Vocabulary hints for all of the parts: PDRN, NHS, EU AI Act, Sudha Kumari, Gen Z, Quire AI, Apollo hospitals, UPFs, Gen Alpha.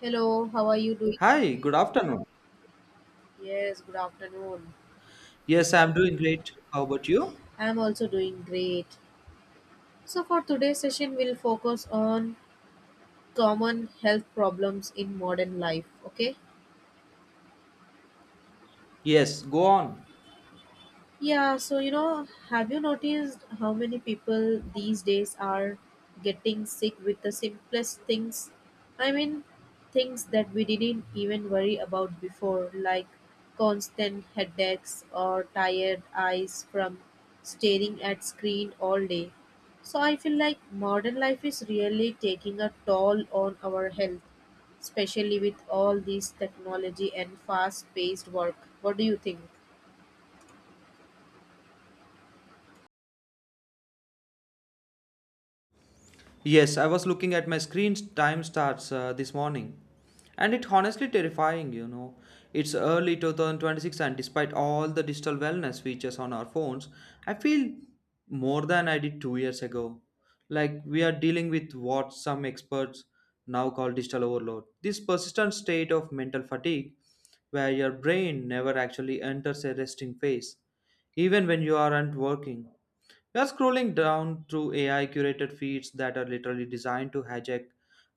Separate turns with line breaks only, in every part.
Hello, how are you doing today?
Hi, good afternoon.
Yes, good afternoon.
Yes, I'm doing great. How about you?
I am also doing great. So, for today's session, we'll focus on common health problems in modern life. Okay,
Yes, go on.
yeah, have you noticed how many people these days are getting sick with the simplest things? I mean, things that we didn't even worry about before, like constant headaches or tired eyes from staring at screen all day. So I feel like modern life is really taking a toll on our health, especially with all this technology and fast-paced work. What do you think?
Yes, I was looking at my screen time starts this morning. And it's honestly terrifying. It's early 2026, and despite all the digital wellness features on our phones, I feel more than I did 2 years ago. Like we are dealing with what some experts now call digital overload. This persistent state of mental fatigue, where your brain never actually enters a resting phase, even when you aren't working. We are scrolling down through AI curated feeds that are literally designed to hijack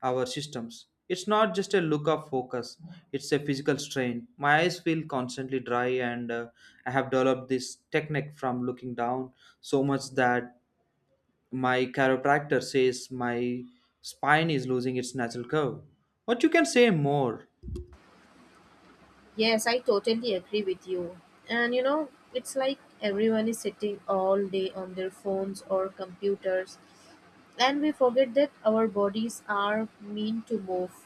our systems. It's not just a look of focus, it's a physical strain. My eyes feel constantly dry, and I have developed this technique from looking down so much that my chiropractor says my spine is losing its natural curve. What you can say more?
Yes, I totally agree with you. And you know, it's like everyone is sitting all day on their phones or computers, and we forget that our bodies are meant to move.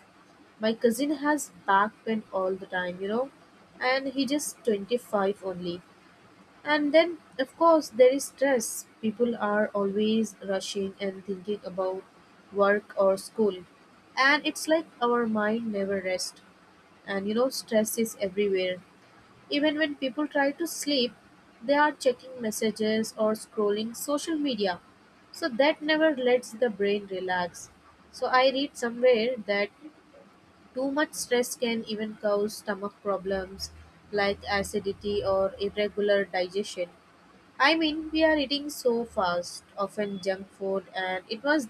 My cousin has back pain all the time, and he just 25 only. And then, of course, there is stress. People are always rushing and thinking about work or school. And it's like our mind never rests, and you know stress is everywhere, even when people try to sleep, they are checking messages or scrolling social media. So that never lets the brain relax. So I read somewhere that too much stress can even cause stomach problems like acidity or irregular digestion. I mean, we are eating so fast, often junk food, and it was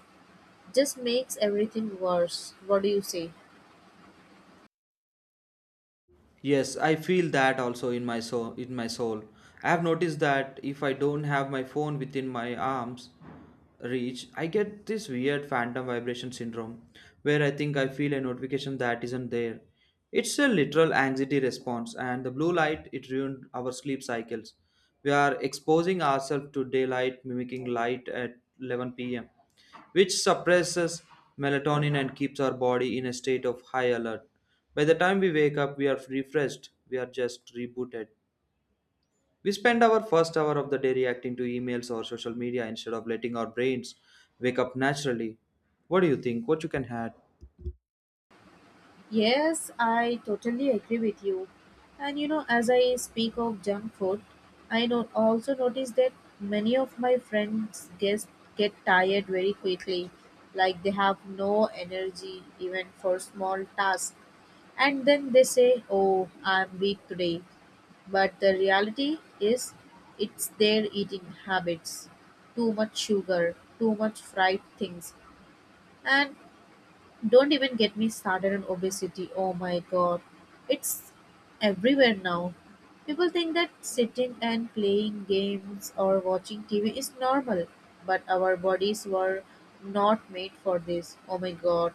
just makes everything worse. What do you say?
Yes, I feel that also in my soul, in my soul. I have noticed that if I don't have my phone within my arms reach, I get this weird phantom vibration syndrome where I think I feel a notification that isn't there. It's a literal anxiety response and the blue light it ruined our sleep cycles. We are exposing ourselves to daylight mimicking light at 11 p.m. which suppresses melatonin and keeps our body in a state of high alert. By the time we wake up, we are refreshed, we are just rebooted. We spend our first hour of the day reacting to emails or social media instead of letting our brains wake up naturally. What do you think? What you can add?
Yes, I totally agree with you. As I speak of junk food, I don't also notice that many of my friends guess get tired very quickly, like they have no energy even for small tasks. And then they say, "Oh, I'm weak today." But the reality is, it's their eating habits, too much sugar, too much fried things, and don't even get me started on obesity. Oh my god, it's everywhere now. People think that sitting and playing games or watching TV is normal, but our bodies were not made for this. Oh my god.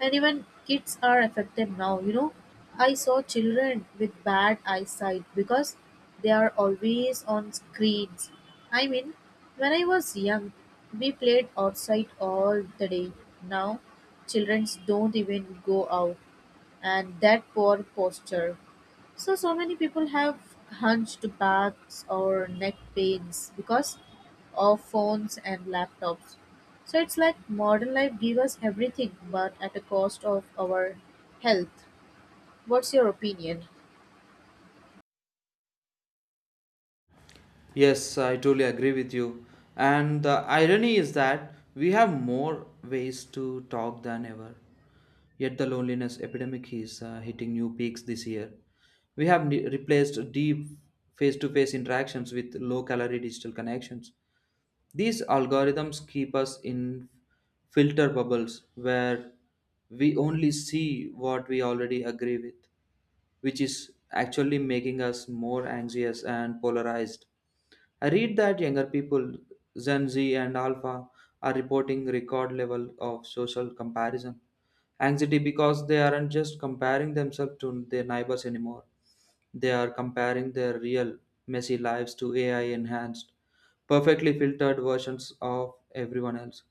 And even kids are affected now. I saw children with bad eyesight because they are always on screens. I mean, when I was young, we played outside all the day. Now, children don't even go out, and that poor posture. So, so many people have hunched backs or neck pains because of phones and laptops. So, it's like modern life gives us everything but at a cost of our health. What's your opinion?
Yes, I totally agree with you. And the irony is that we have more ways to talk than ever. Yet the loneliness epidemic is hitting new peaks this year. We have replaced deep face to face interactions with low calorie digital connections. These algorithms keep us in filter bubbles where we only see what we already agree with, which is actually making us more anxious and polarized. I read that younger people, Gen Z and Alpha, are reporting record level of social comparison anxiety because they aren't just comparing themselves to their neighbors anymore. They are comparing their real, messy lives to AI enhanced, perfectly filtered versions of everyone else.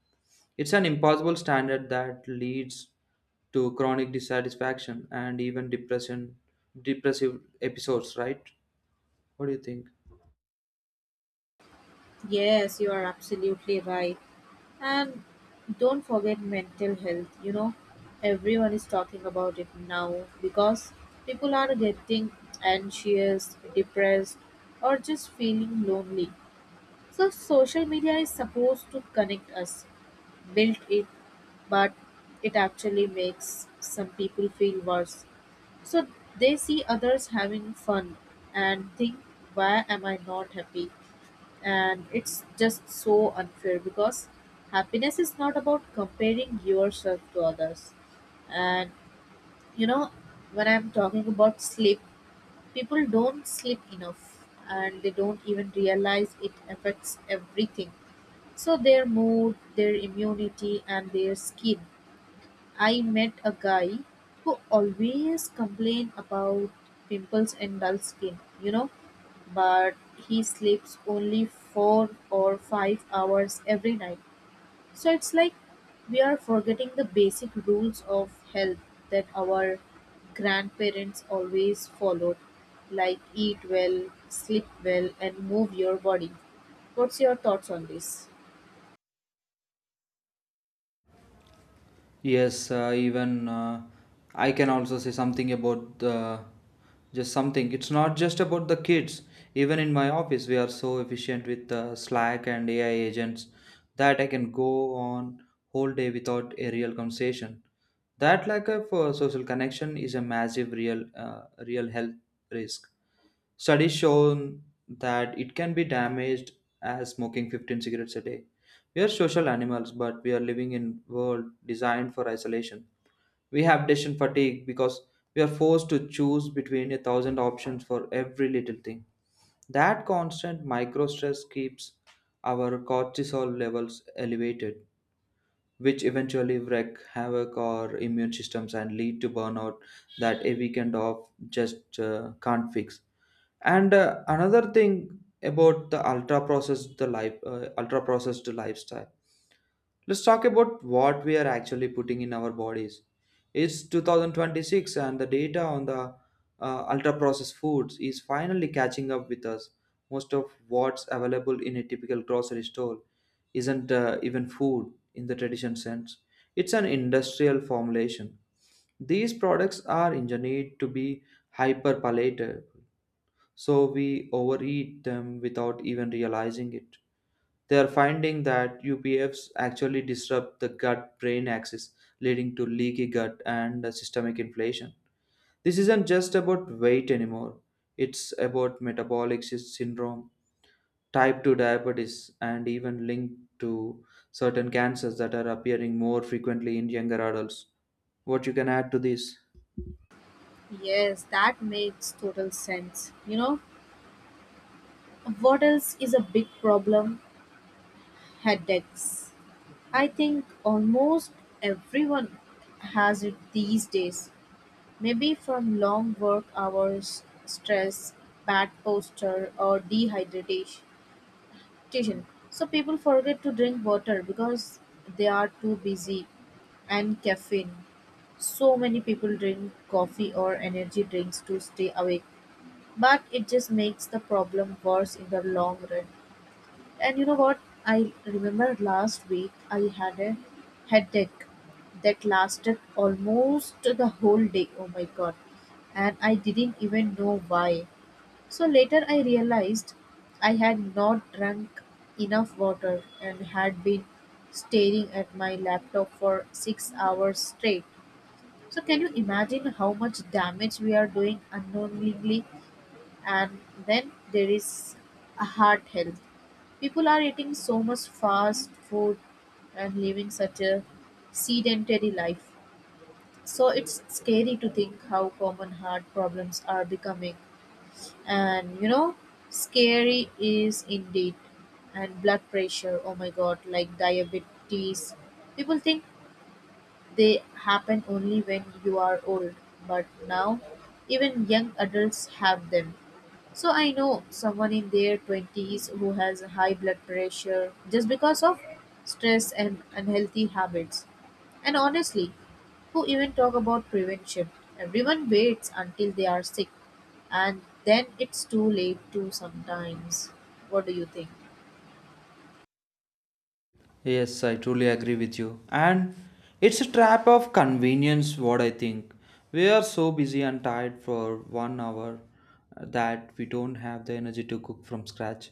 It's an impossible standard that leads to chronic dissatisfaction and even depression, depressive episodes, right? What do you think?
Yes, you are absolutely right. And don't forget mental health. You know, everyone is talking about it now because people are getting anxious, depressed, or just feeling lonely. So social media is supposed to connect us, build it, but it actually makes some people feel worse. So they see others having fun and think, why am I not happy? And it's just so unfair because happiness is not about comparing yourself to others. And you know, when I'm talking about sleep, people don't sleep enough and they don't even realize it affects everything, so their mood, their immunity, and their skin. I met a guy who always complained about pimples and dull skin, but he sleeps only 4 or 5 hours every night. So it's like we are forgetting the basic rules of health that our grandparents always followed, like eat well, sleep well, and move your body. What's your thoughts on this?
Yes, even I can also say something about the just something. It's not just about the kids. Even in my office, we are so efficient with Slack and AI agents that I can go on whole day without a real conversation. That lack of social connection is a massive real health risk. Studies shown that it can be damaged as smoking 15 cigarettes a day. We are social animals, but we are living in world designed for isolation. We have decision fatigue because we are forced to choose between a thousand options for every little thing. That constant micro stress keeps our cortisol levels elevated, which eventually wreak havoc our immune systems and lead to burnout that a weekend off just can't fix. And another thing about the ultra processed the life ultra processed lifestyle. Let's talk about what we are actually putting in our bodies. It's 2026 and the data on the ultra processed foods is finally catching up with us. Most of what's available in a typical grocery store isn't even food in the traditional sense. It's an industrial formulation. These products are engineered to be hyper palated so we overeat them without even realizing it. They are finding that UPFs actually disrupt the gut brain axis, leading to leaky gut and systemic inflation. This isn't just about weight anymore, it's about metabolic syndrome, type 2 diabetes, and even linked to certain cancers that are appearing more frequently in younger adults. What you can add to this?
Yes, that makes total sense. You know, what else is a big problem? Headaches. I think almost everyone has it these days. Maybe from long work hours, stress, bad posture, or dehydration. So people forget to drink water because they are too busy, and caffeine. So many people drink coffee or energy drinks to stay awake, but it just makes the problem worse in the long run. And you know what? I remember last week I had a headache that lasted almost the whole day. Oh my god. And I didn't even know why. So later I realized I had not drunk enough water and had been staring at my laptop for 6 hours straight. So can you imagine how much damage we are doing unknowingly? And then there is a heart health. People are eating so much fast food and living such a sedentary life, so it's scary to think how common heart problems are becoming. And you know Scary is indeed. And blood pressure, oh my god, like diabetes, people think they happen only when you are old, but now even young adults have them. So I know someone in their 20s who has high blood pressure just because of stress and unhealthy habits. And honestly, who even talk about prevention? Everyone waits until they are sick and then it's too late too sometimes. What do you think?
Yes, I truly agree with you. And it's a trap of convenience, what I think. We are so busy and tired for 1 hour that we don't have the energy to cook from scratch.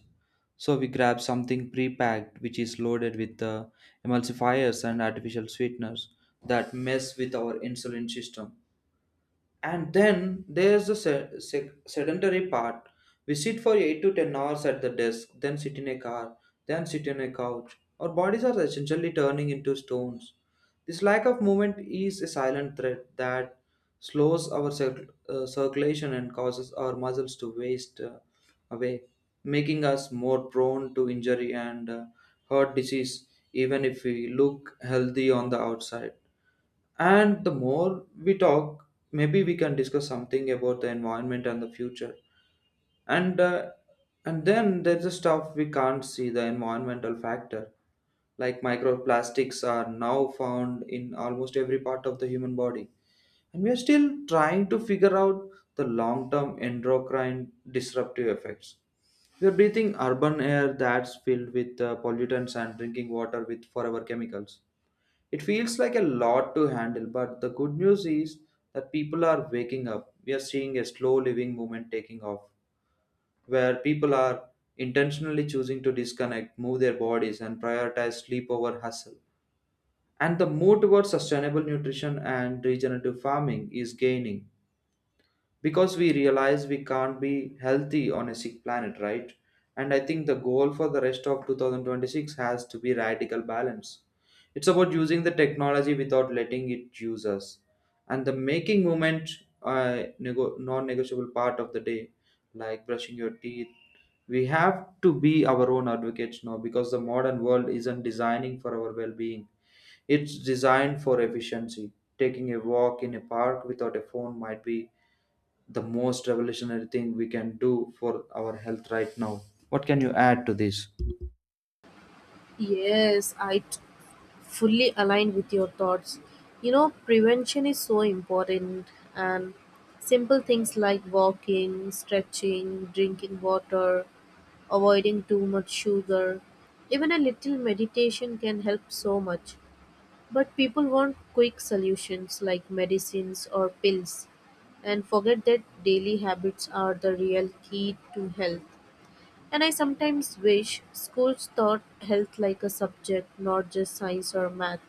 So we grab something pre-packed, which is loaded with emulsifiers and artificial sweeteners that mess with our insulin system. And then there's the sedentary part. We sit for 8 to 10 hours at the desk, then sit in a car, then sit on a couch. Our bodies are essentially turning into stones. This lack of movement is a silent threat that slows our circulation and causes our muscles to waste away, making us more prone to injury and heart disease, even if we look healthy on the outside. And the more we talk, maybe we can discuss something about the environment and the future. And uh, and then there's the stuff we can't see, the environmental factor, like microplastics are now found in almost every part of the human body, and we are still trying to figure out the long-term endocrine disruptive effects. We are breathing urban air that's filled with pollutants and drinking water with forever chemicals. It feels like a lot to handle, but the good news is that people are waking up. We are seeing a slow living movement taking off, where people are intentionally choosing to disconnect, move their bodies, and prioritize sleep over hustle. And the move towards sustainable nutrition and regenerative farming is gaining because we realize we can't be healthy on a sick planet, right? And I think the goal for the rest of 2026 has to be radical balance. It's about using the technology without letting it use us, and the making movement a non-negotiable part of the day, like brushing your teeth. We have to be our own advocates now because the modern world isn't designing for our well-being. It's designed for efficiency. Taking a walk in a park without a phone might be the most revolutionary thing we can do for our health right now. What can you add to this?
Yes, I t- Fully align with your thoughts. You know, prevention is so important, and simple things like walking, stretching, drinking water, avoiding too much sugar. Even a little meditation can help so much. But people want quick solutions like medicines or pills and forget that daily habits are the real key to health. And I sometimes wish schools taught health like a subject, not just science or math.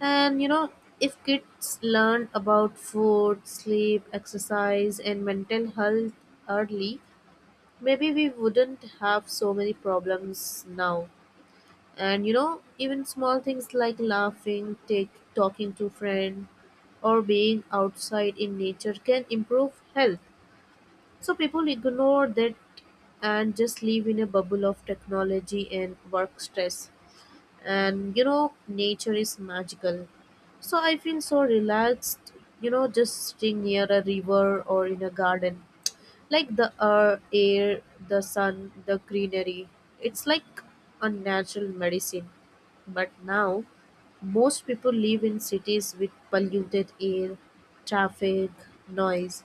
And you know, if kids learn about food, sleep, exercise, and mental health early, maybe we wouldn't have so many problems now. And you know Even small things like laughing take, talking to friend, or being outside in nature can improve health, so people ignore that and just live in a bubble of technology and work stress. And you know Nature is magical, so I feel so relaxed, you know, just sitting near a river or in a garden, like the air, the sun, the greenery. It's like a natural medicine. But now, most people live in cities with polluted air, traffic, noise.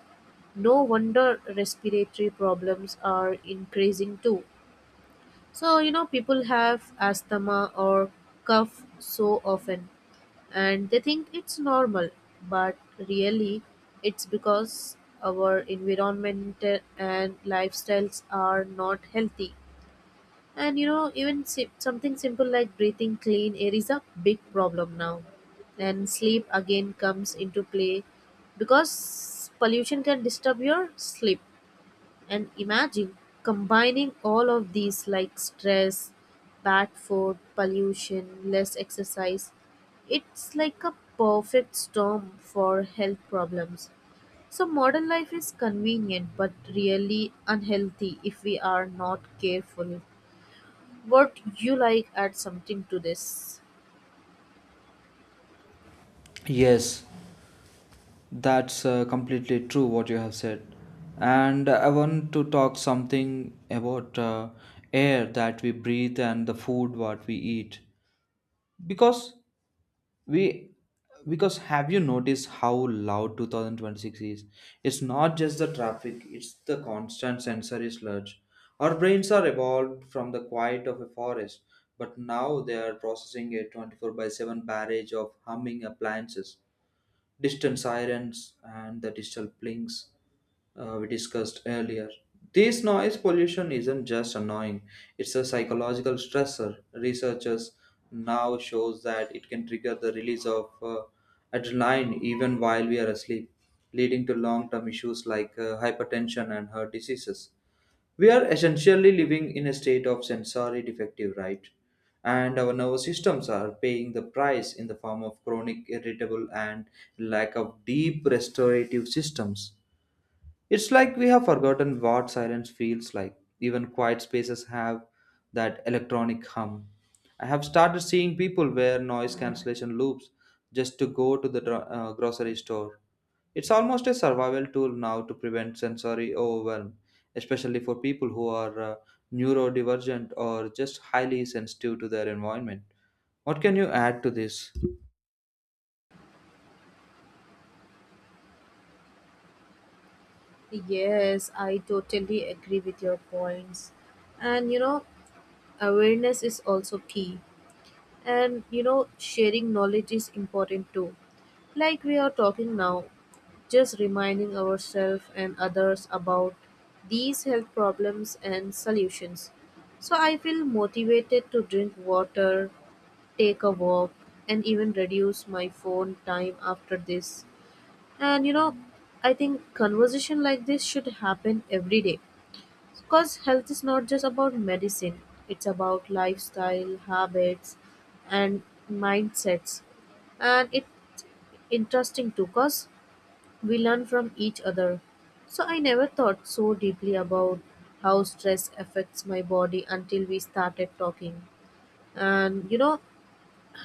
No wonder respiratory problems are increasing too. So, you know, people have asthma or cough so often and they think it's normal, but really it's because our environment and lifestyles are not healthy. And you know, even something simple like breathing clean air is a big problem now. And sleep again comes into play because pollution can disturb your sleep. And imagine combining all of these like stress, bad food, pollution, less exercise. It's like a perfect storm for health problems. So modern life is convenient but really unhealthy if we are not careful. What you like add something to this?
Yes, that's completely true what you have said. And I want to talk something about air that we breathe and the food what we eat. Because we because have you noticed how loud 2026 is? It's not just the traffic, it's the constant sensory sludge. Our brains are evolved from the quiet of a forest, but now they are processing a 24 by 7 barrage of humming appliances, distant sirens, and the digital blinks we discussed earlier. This noise pollution isn't just annoying, it's a psychological stressor. Researchers now shows that it can trigger the release of adrenaline even while we are asleep, leading to long-term issues like hypertension and heart diseases. We are essentially living in a state of sensory defective, right? And our nervous systems are paying the price in the form of chronic irritable and lack of deep restorative systems. It's like we have forgotten what silence feels like. Even quiet spaces have that electronic hum. I have started seeing people wear noise cancellation loops just to go to the grocery store. It's almost a survival tool now to prevent sensory overwhelm, especially for people who are neurodivergent or just highly sensitive to their environment. What can you add to this?
Yes, I totally agree with your points. And you know, awareness is also key. And you know Sharing knowledge is important too, like we are talking now, just reminding ourselves and others about these health problems and solutions. So I feel motivated to drink water, take a walk, and even reduce my phone time after this. And you know I think conversation like this should happen every day because health is not just about medicine, it's about lifestyle, habits, and mindsets. And it's interesting too, because we learn from each other. So I never thought so deeply about how stress affects my body until we started talking. And you know,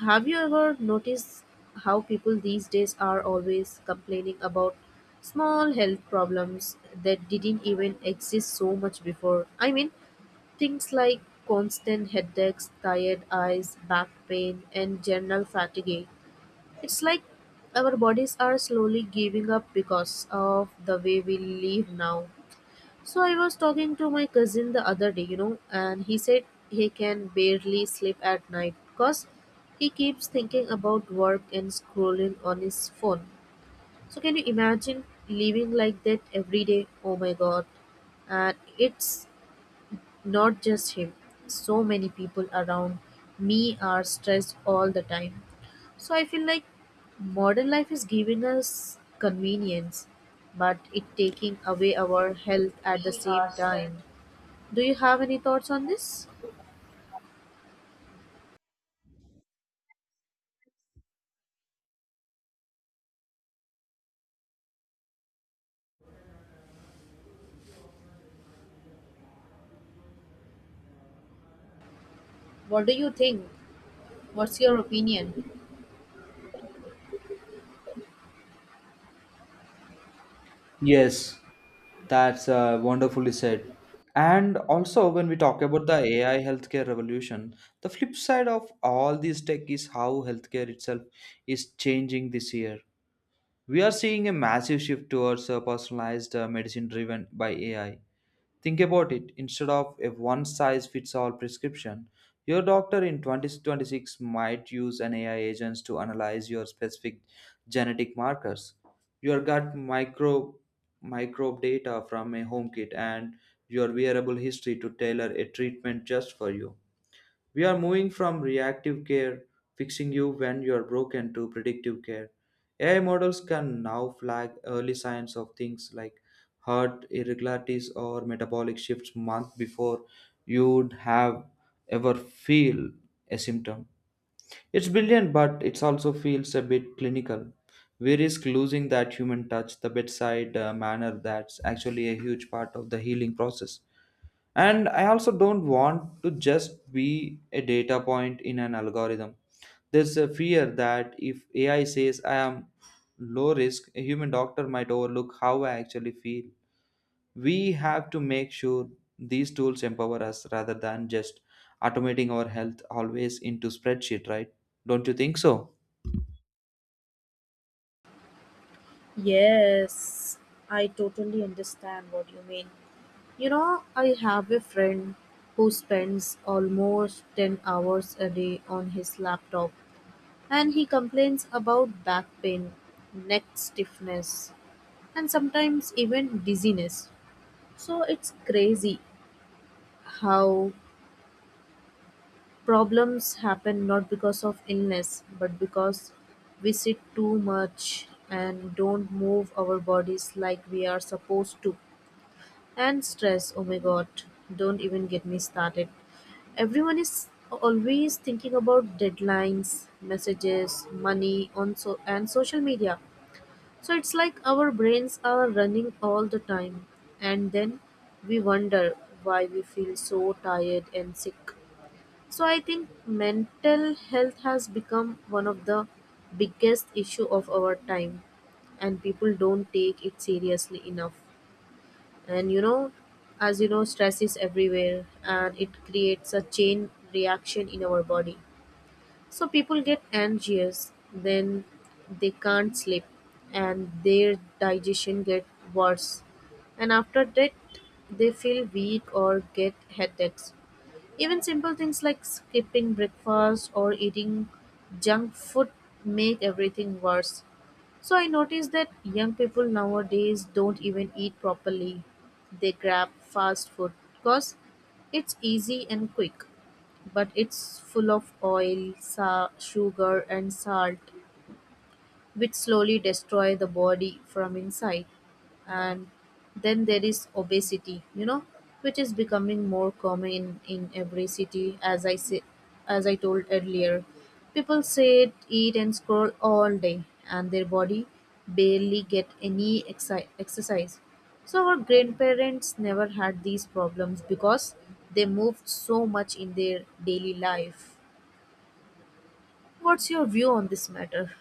have you ever noticed how people these days are always complaining about small health problems that didn't even exist so much before? I mean, things like constant headaches, tired eyes, back pain, and general fatigue. It's like our bodies are slowly giving up because of the way we live now. So I was talking to my cousin the other day, and he said he can barely sleep at night because he keeps thinking about work and scrolling on his phone. So can you imagine living like that every day? Oh my god. And it's not just him. So many people around me are stressed all the time. So I feel like modern life is giving us convenience, but it taking away our health at the same time. Do you have any thoughts on this? What do you think? What's your opinion?
Yes, that's wonderfully said. And also, when we talk about the AI healthcare revolution, the flip side of all this tech is how healthcare itself is changing this year. We are seeing a massive shift towards personalized medicine driven by AI. Think about it, instead of a one size fits all prescription, your doctor in 2026 might use an AI agent to analyze your specific genetic markers, your gut microbe data from a home kit, and your wearable history to tailor a treatment just for you. We are moving from reactive care, fixing you when you are broken, to predictive care. AI models can now flag early signs of things like heart irregularities or metabolic shifts months before you'd have ever feel a symptom. It's brilliant, but it also feels a bit clinical. We risk losing that human touch, the bedside manner that's actually a huge part of the healing process. And I also don't want to just be a data point in an algorithm. There's a fear that if AI says I am low risk, a human doctor might overlook how I actually feel. We have to make sure these tools empower us rather than just automating our health always into spreadsheet, right? Don't you think so?
Yes, I totally understand what you mean. You know, I have a friend who spends almost 10 hours a day on his laptop. And he complains about back pain, neck stiffness, and sometimes even dizziness. So it's crazy how problems happen not because of illness, but because we sit too much and don't move our bodies like we are supposed to. And stress, oh my god, don't even get me started. Everyone is always thinking about deadlines, messages, money on so and social media. So it's like our brains are running all the time, and then we wonder why we feel so tired and sick. So I think mental health has become one of the biggest issue of our time and people don't take it seriously enough. And you know, as you know, stress is everywhere and it creates a chain reaction in our body. So people get anxious, then they can't sleep, and their digestion get worse. And after that, they feel weak or get headaches. Even simple things like skipping breakfast or eating junk food make everything worse. So I noticed that young people nowadays don't even eat properly. They grab fast food because it's easy and quick, but it's full of oil, sugar, and salt which slowly destroy the body from inside and then there is obesity which is becoming more common in every city as I told earlier. People sit, eat, and scroll all day and their body barely get any exercise. So our grandparents never had these problems because they moved so much in their daily life. What's your view on this matter?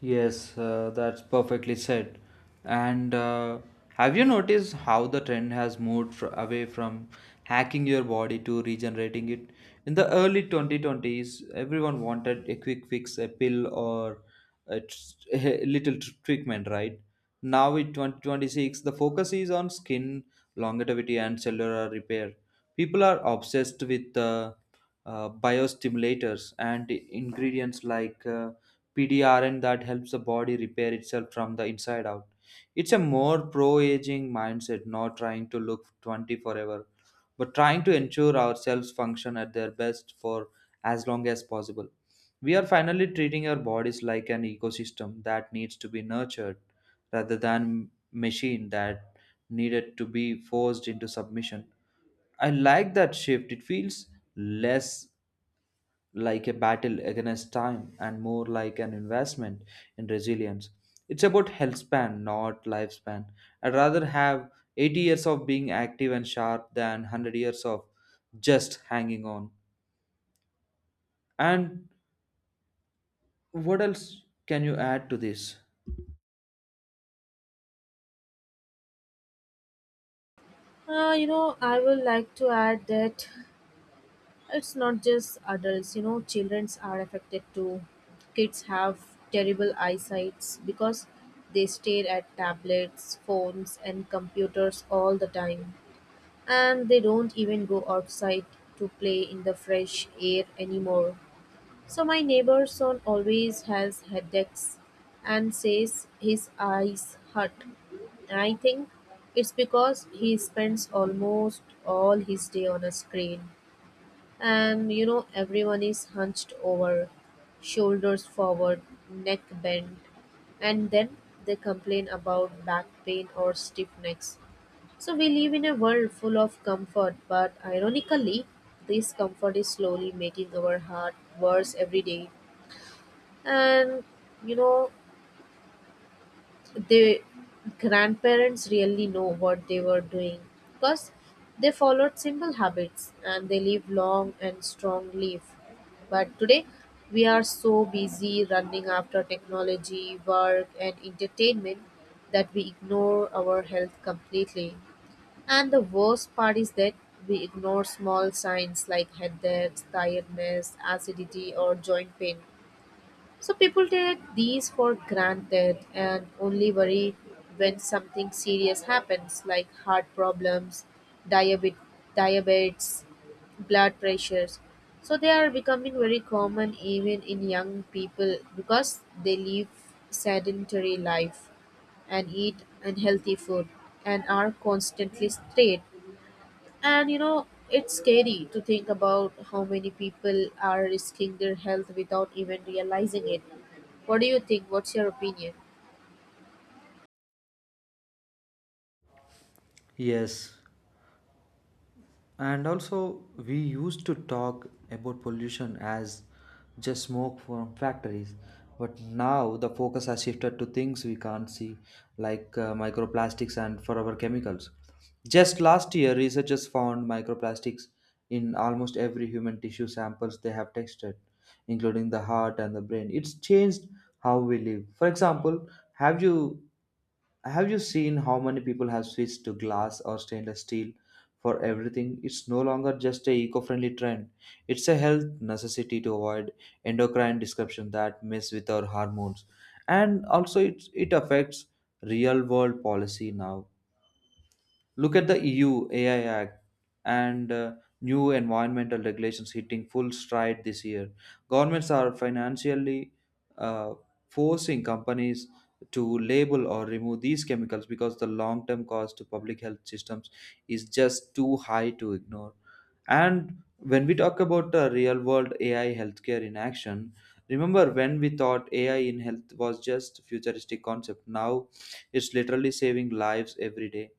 Yes, that's perfectly said. And have you noticed how the trend has moved away from hacking your body to regenerating it? In the early 2020s, everyone wanted a quick fix, a pill, or a, tr- a little treatment, right? Now in 2026, the focus is on skin longevity and cellular repair. People are obsessed with biostimulators and ingredients like PDRN that helps the body repair itself from the inside out. It's a more pro aging mindset, not trying to look 20 forever, but trying to ensure ourselves function at their best for as long as possible. We are finally treating our bodies like an ecosystem that needs to be nurtured rather than machine that needed to be forced into submission. I like that shift. It feels less like a battle against time and more like an investment in resilience. It's about health span, not lifespan. I'd rather have 80 years of being active and sharp than 100 years of just hanging on. And what else can you add to this?
I would like to add that it's not just adults, you know, children are affected too. Kids have terrible eyesights because they stare at tablets, phones, and computers all the time. And they don't even go outside to play in the fresh air anymore. So my neighbor's son always has headaches and says his eyes hurt. I think it's because he spends almost all his day on a screen. And you know, everyone is hunched over, shoulders forward, neck bent, and then they complain about back pain or stiff necks. So we live in a world full of comfort, but ironically, this comfort is slowly making our heart worse every day. And you know the grandparents really know what they were doing because they followed simple habits and they live long and strong life. But today we are so busy running after technology, work, and entertainment that we ignore our health completely. And the worst part is that we ignore small signs like headaches, tiredness, acidity, or joint pain. So people take these for granted and only worry when something serious happens, like heart problems, diabetes, diabetes, blood pressures. So they are becoming very common even in young people because they live sedentary life and eat unhealthy food and are constantly stressed. And you know, it's scary to think about how many people are risking their health without even realizing it. What do you think? What's your opinion?
Yes. And also, we used to talk about pollution as just smoke from factories, but now the focus has shifted to things we can't see, like microplastics and forever chemicals. Just last year, researchers found microplastics in almost every human tissue samples they have tested, including the heart and the brain. It's changed how we live. For example, have you seen how many people have switched to glass or stainless steel for everything? It's no longer just a eco-friendly trend. It's a health necessity to avoid endocrine disruption that mess with our hormones. And also it affects real world policy now. Look at the EU AI Act and new environmental regulations hitting full stride this year. Governments are financially uh, forcing companies to label or remove these chemicals because the long term cost to public health systems is just too high to ignore. And when we talk about the real world AI healthcare in action, remember when we thought AI in health was just futuristic concept. Now it's literally saving lives every day.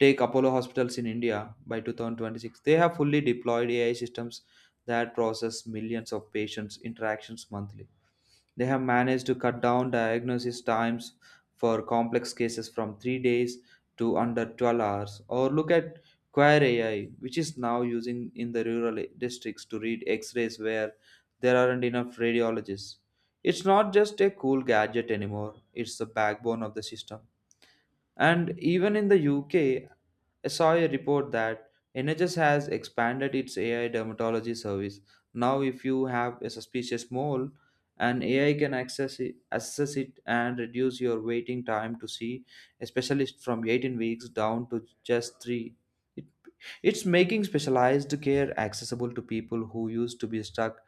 Take Apollo hospitals in India by 2026. They have fully deployed AI systems that process millions of patients' interactions monthly. They have managed to cut down diagnosis times for complex cases from 3 days to under 12 hours. Or look at Quire AI, which is now using in the rural districts to read x rays where there aren't enough radiologists. It's not just a cool gadget anymore, it's the backbone of the system. And even in the UK, I saw a report that NHS has expanded its AI dermatology service. Now, if you have a suspicious mole, an AI can access it, assess it and reduce your waiting time to see a specialist from 18 weeks down to just 3. It's making specialized care accessible to people who used to be stuck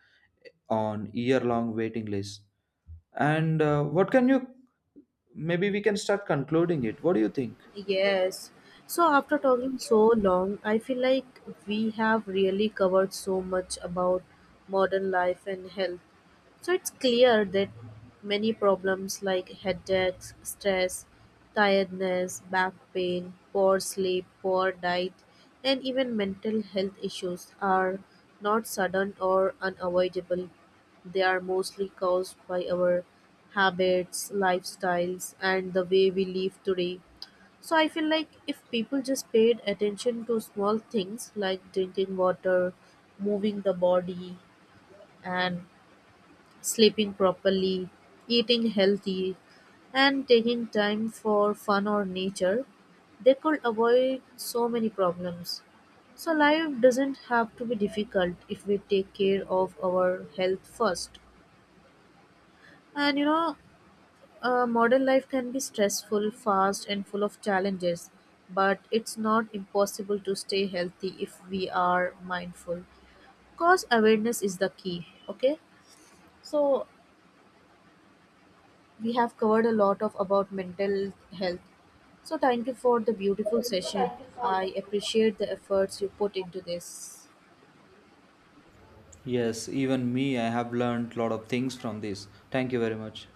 on year-long waiting lists. And what can you maybe we can start concluding it. What do you think?
Yes. So after talking so long, I feel like we have really covered so much about modern life and health. So it's clear that many problems like headaches, stress, tiredness, back pain, poor sleep, poor diet, and even mental health issues are not sudden or unavoidable. They are mostly caused by our habits, lifestyles, and the way we live today. So I feel like if people just paid attention to small things like drinking water, moving the body, and sleeping properly, eating healthy, and taking time for fun or nature, they could avoid so many problems. So, life doesn't have to be difficult if we take care of our health first. And you know, modern life can be stressful, fast, and full of challenges, but it's not impossible to stay healthy if we are mindful. Cause awareness is the key, okay? So, we have covered a lot of about mental health. So thank you for the beautiful session. I appreciate the efforts you put into this.
Yes, even me, I have learned lot of things from this. Thank you very much.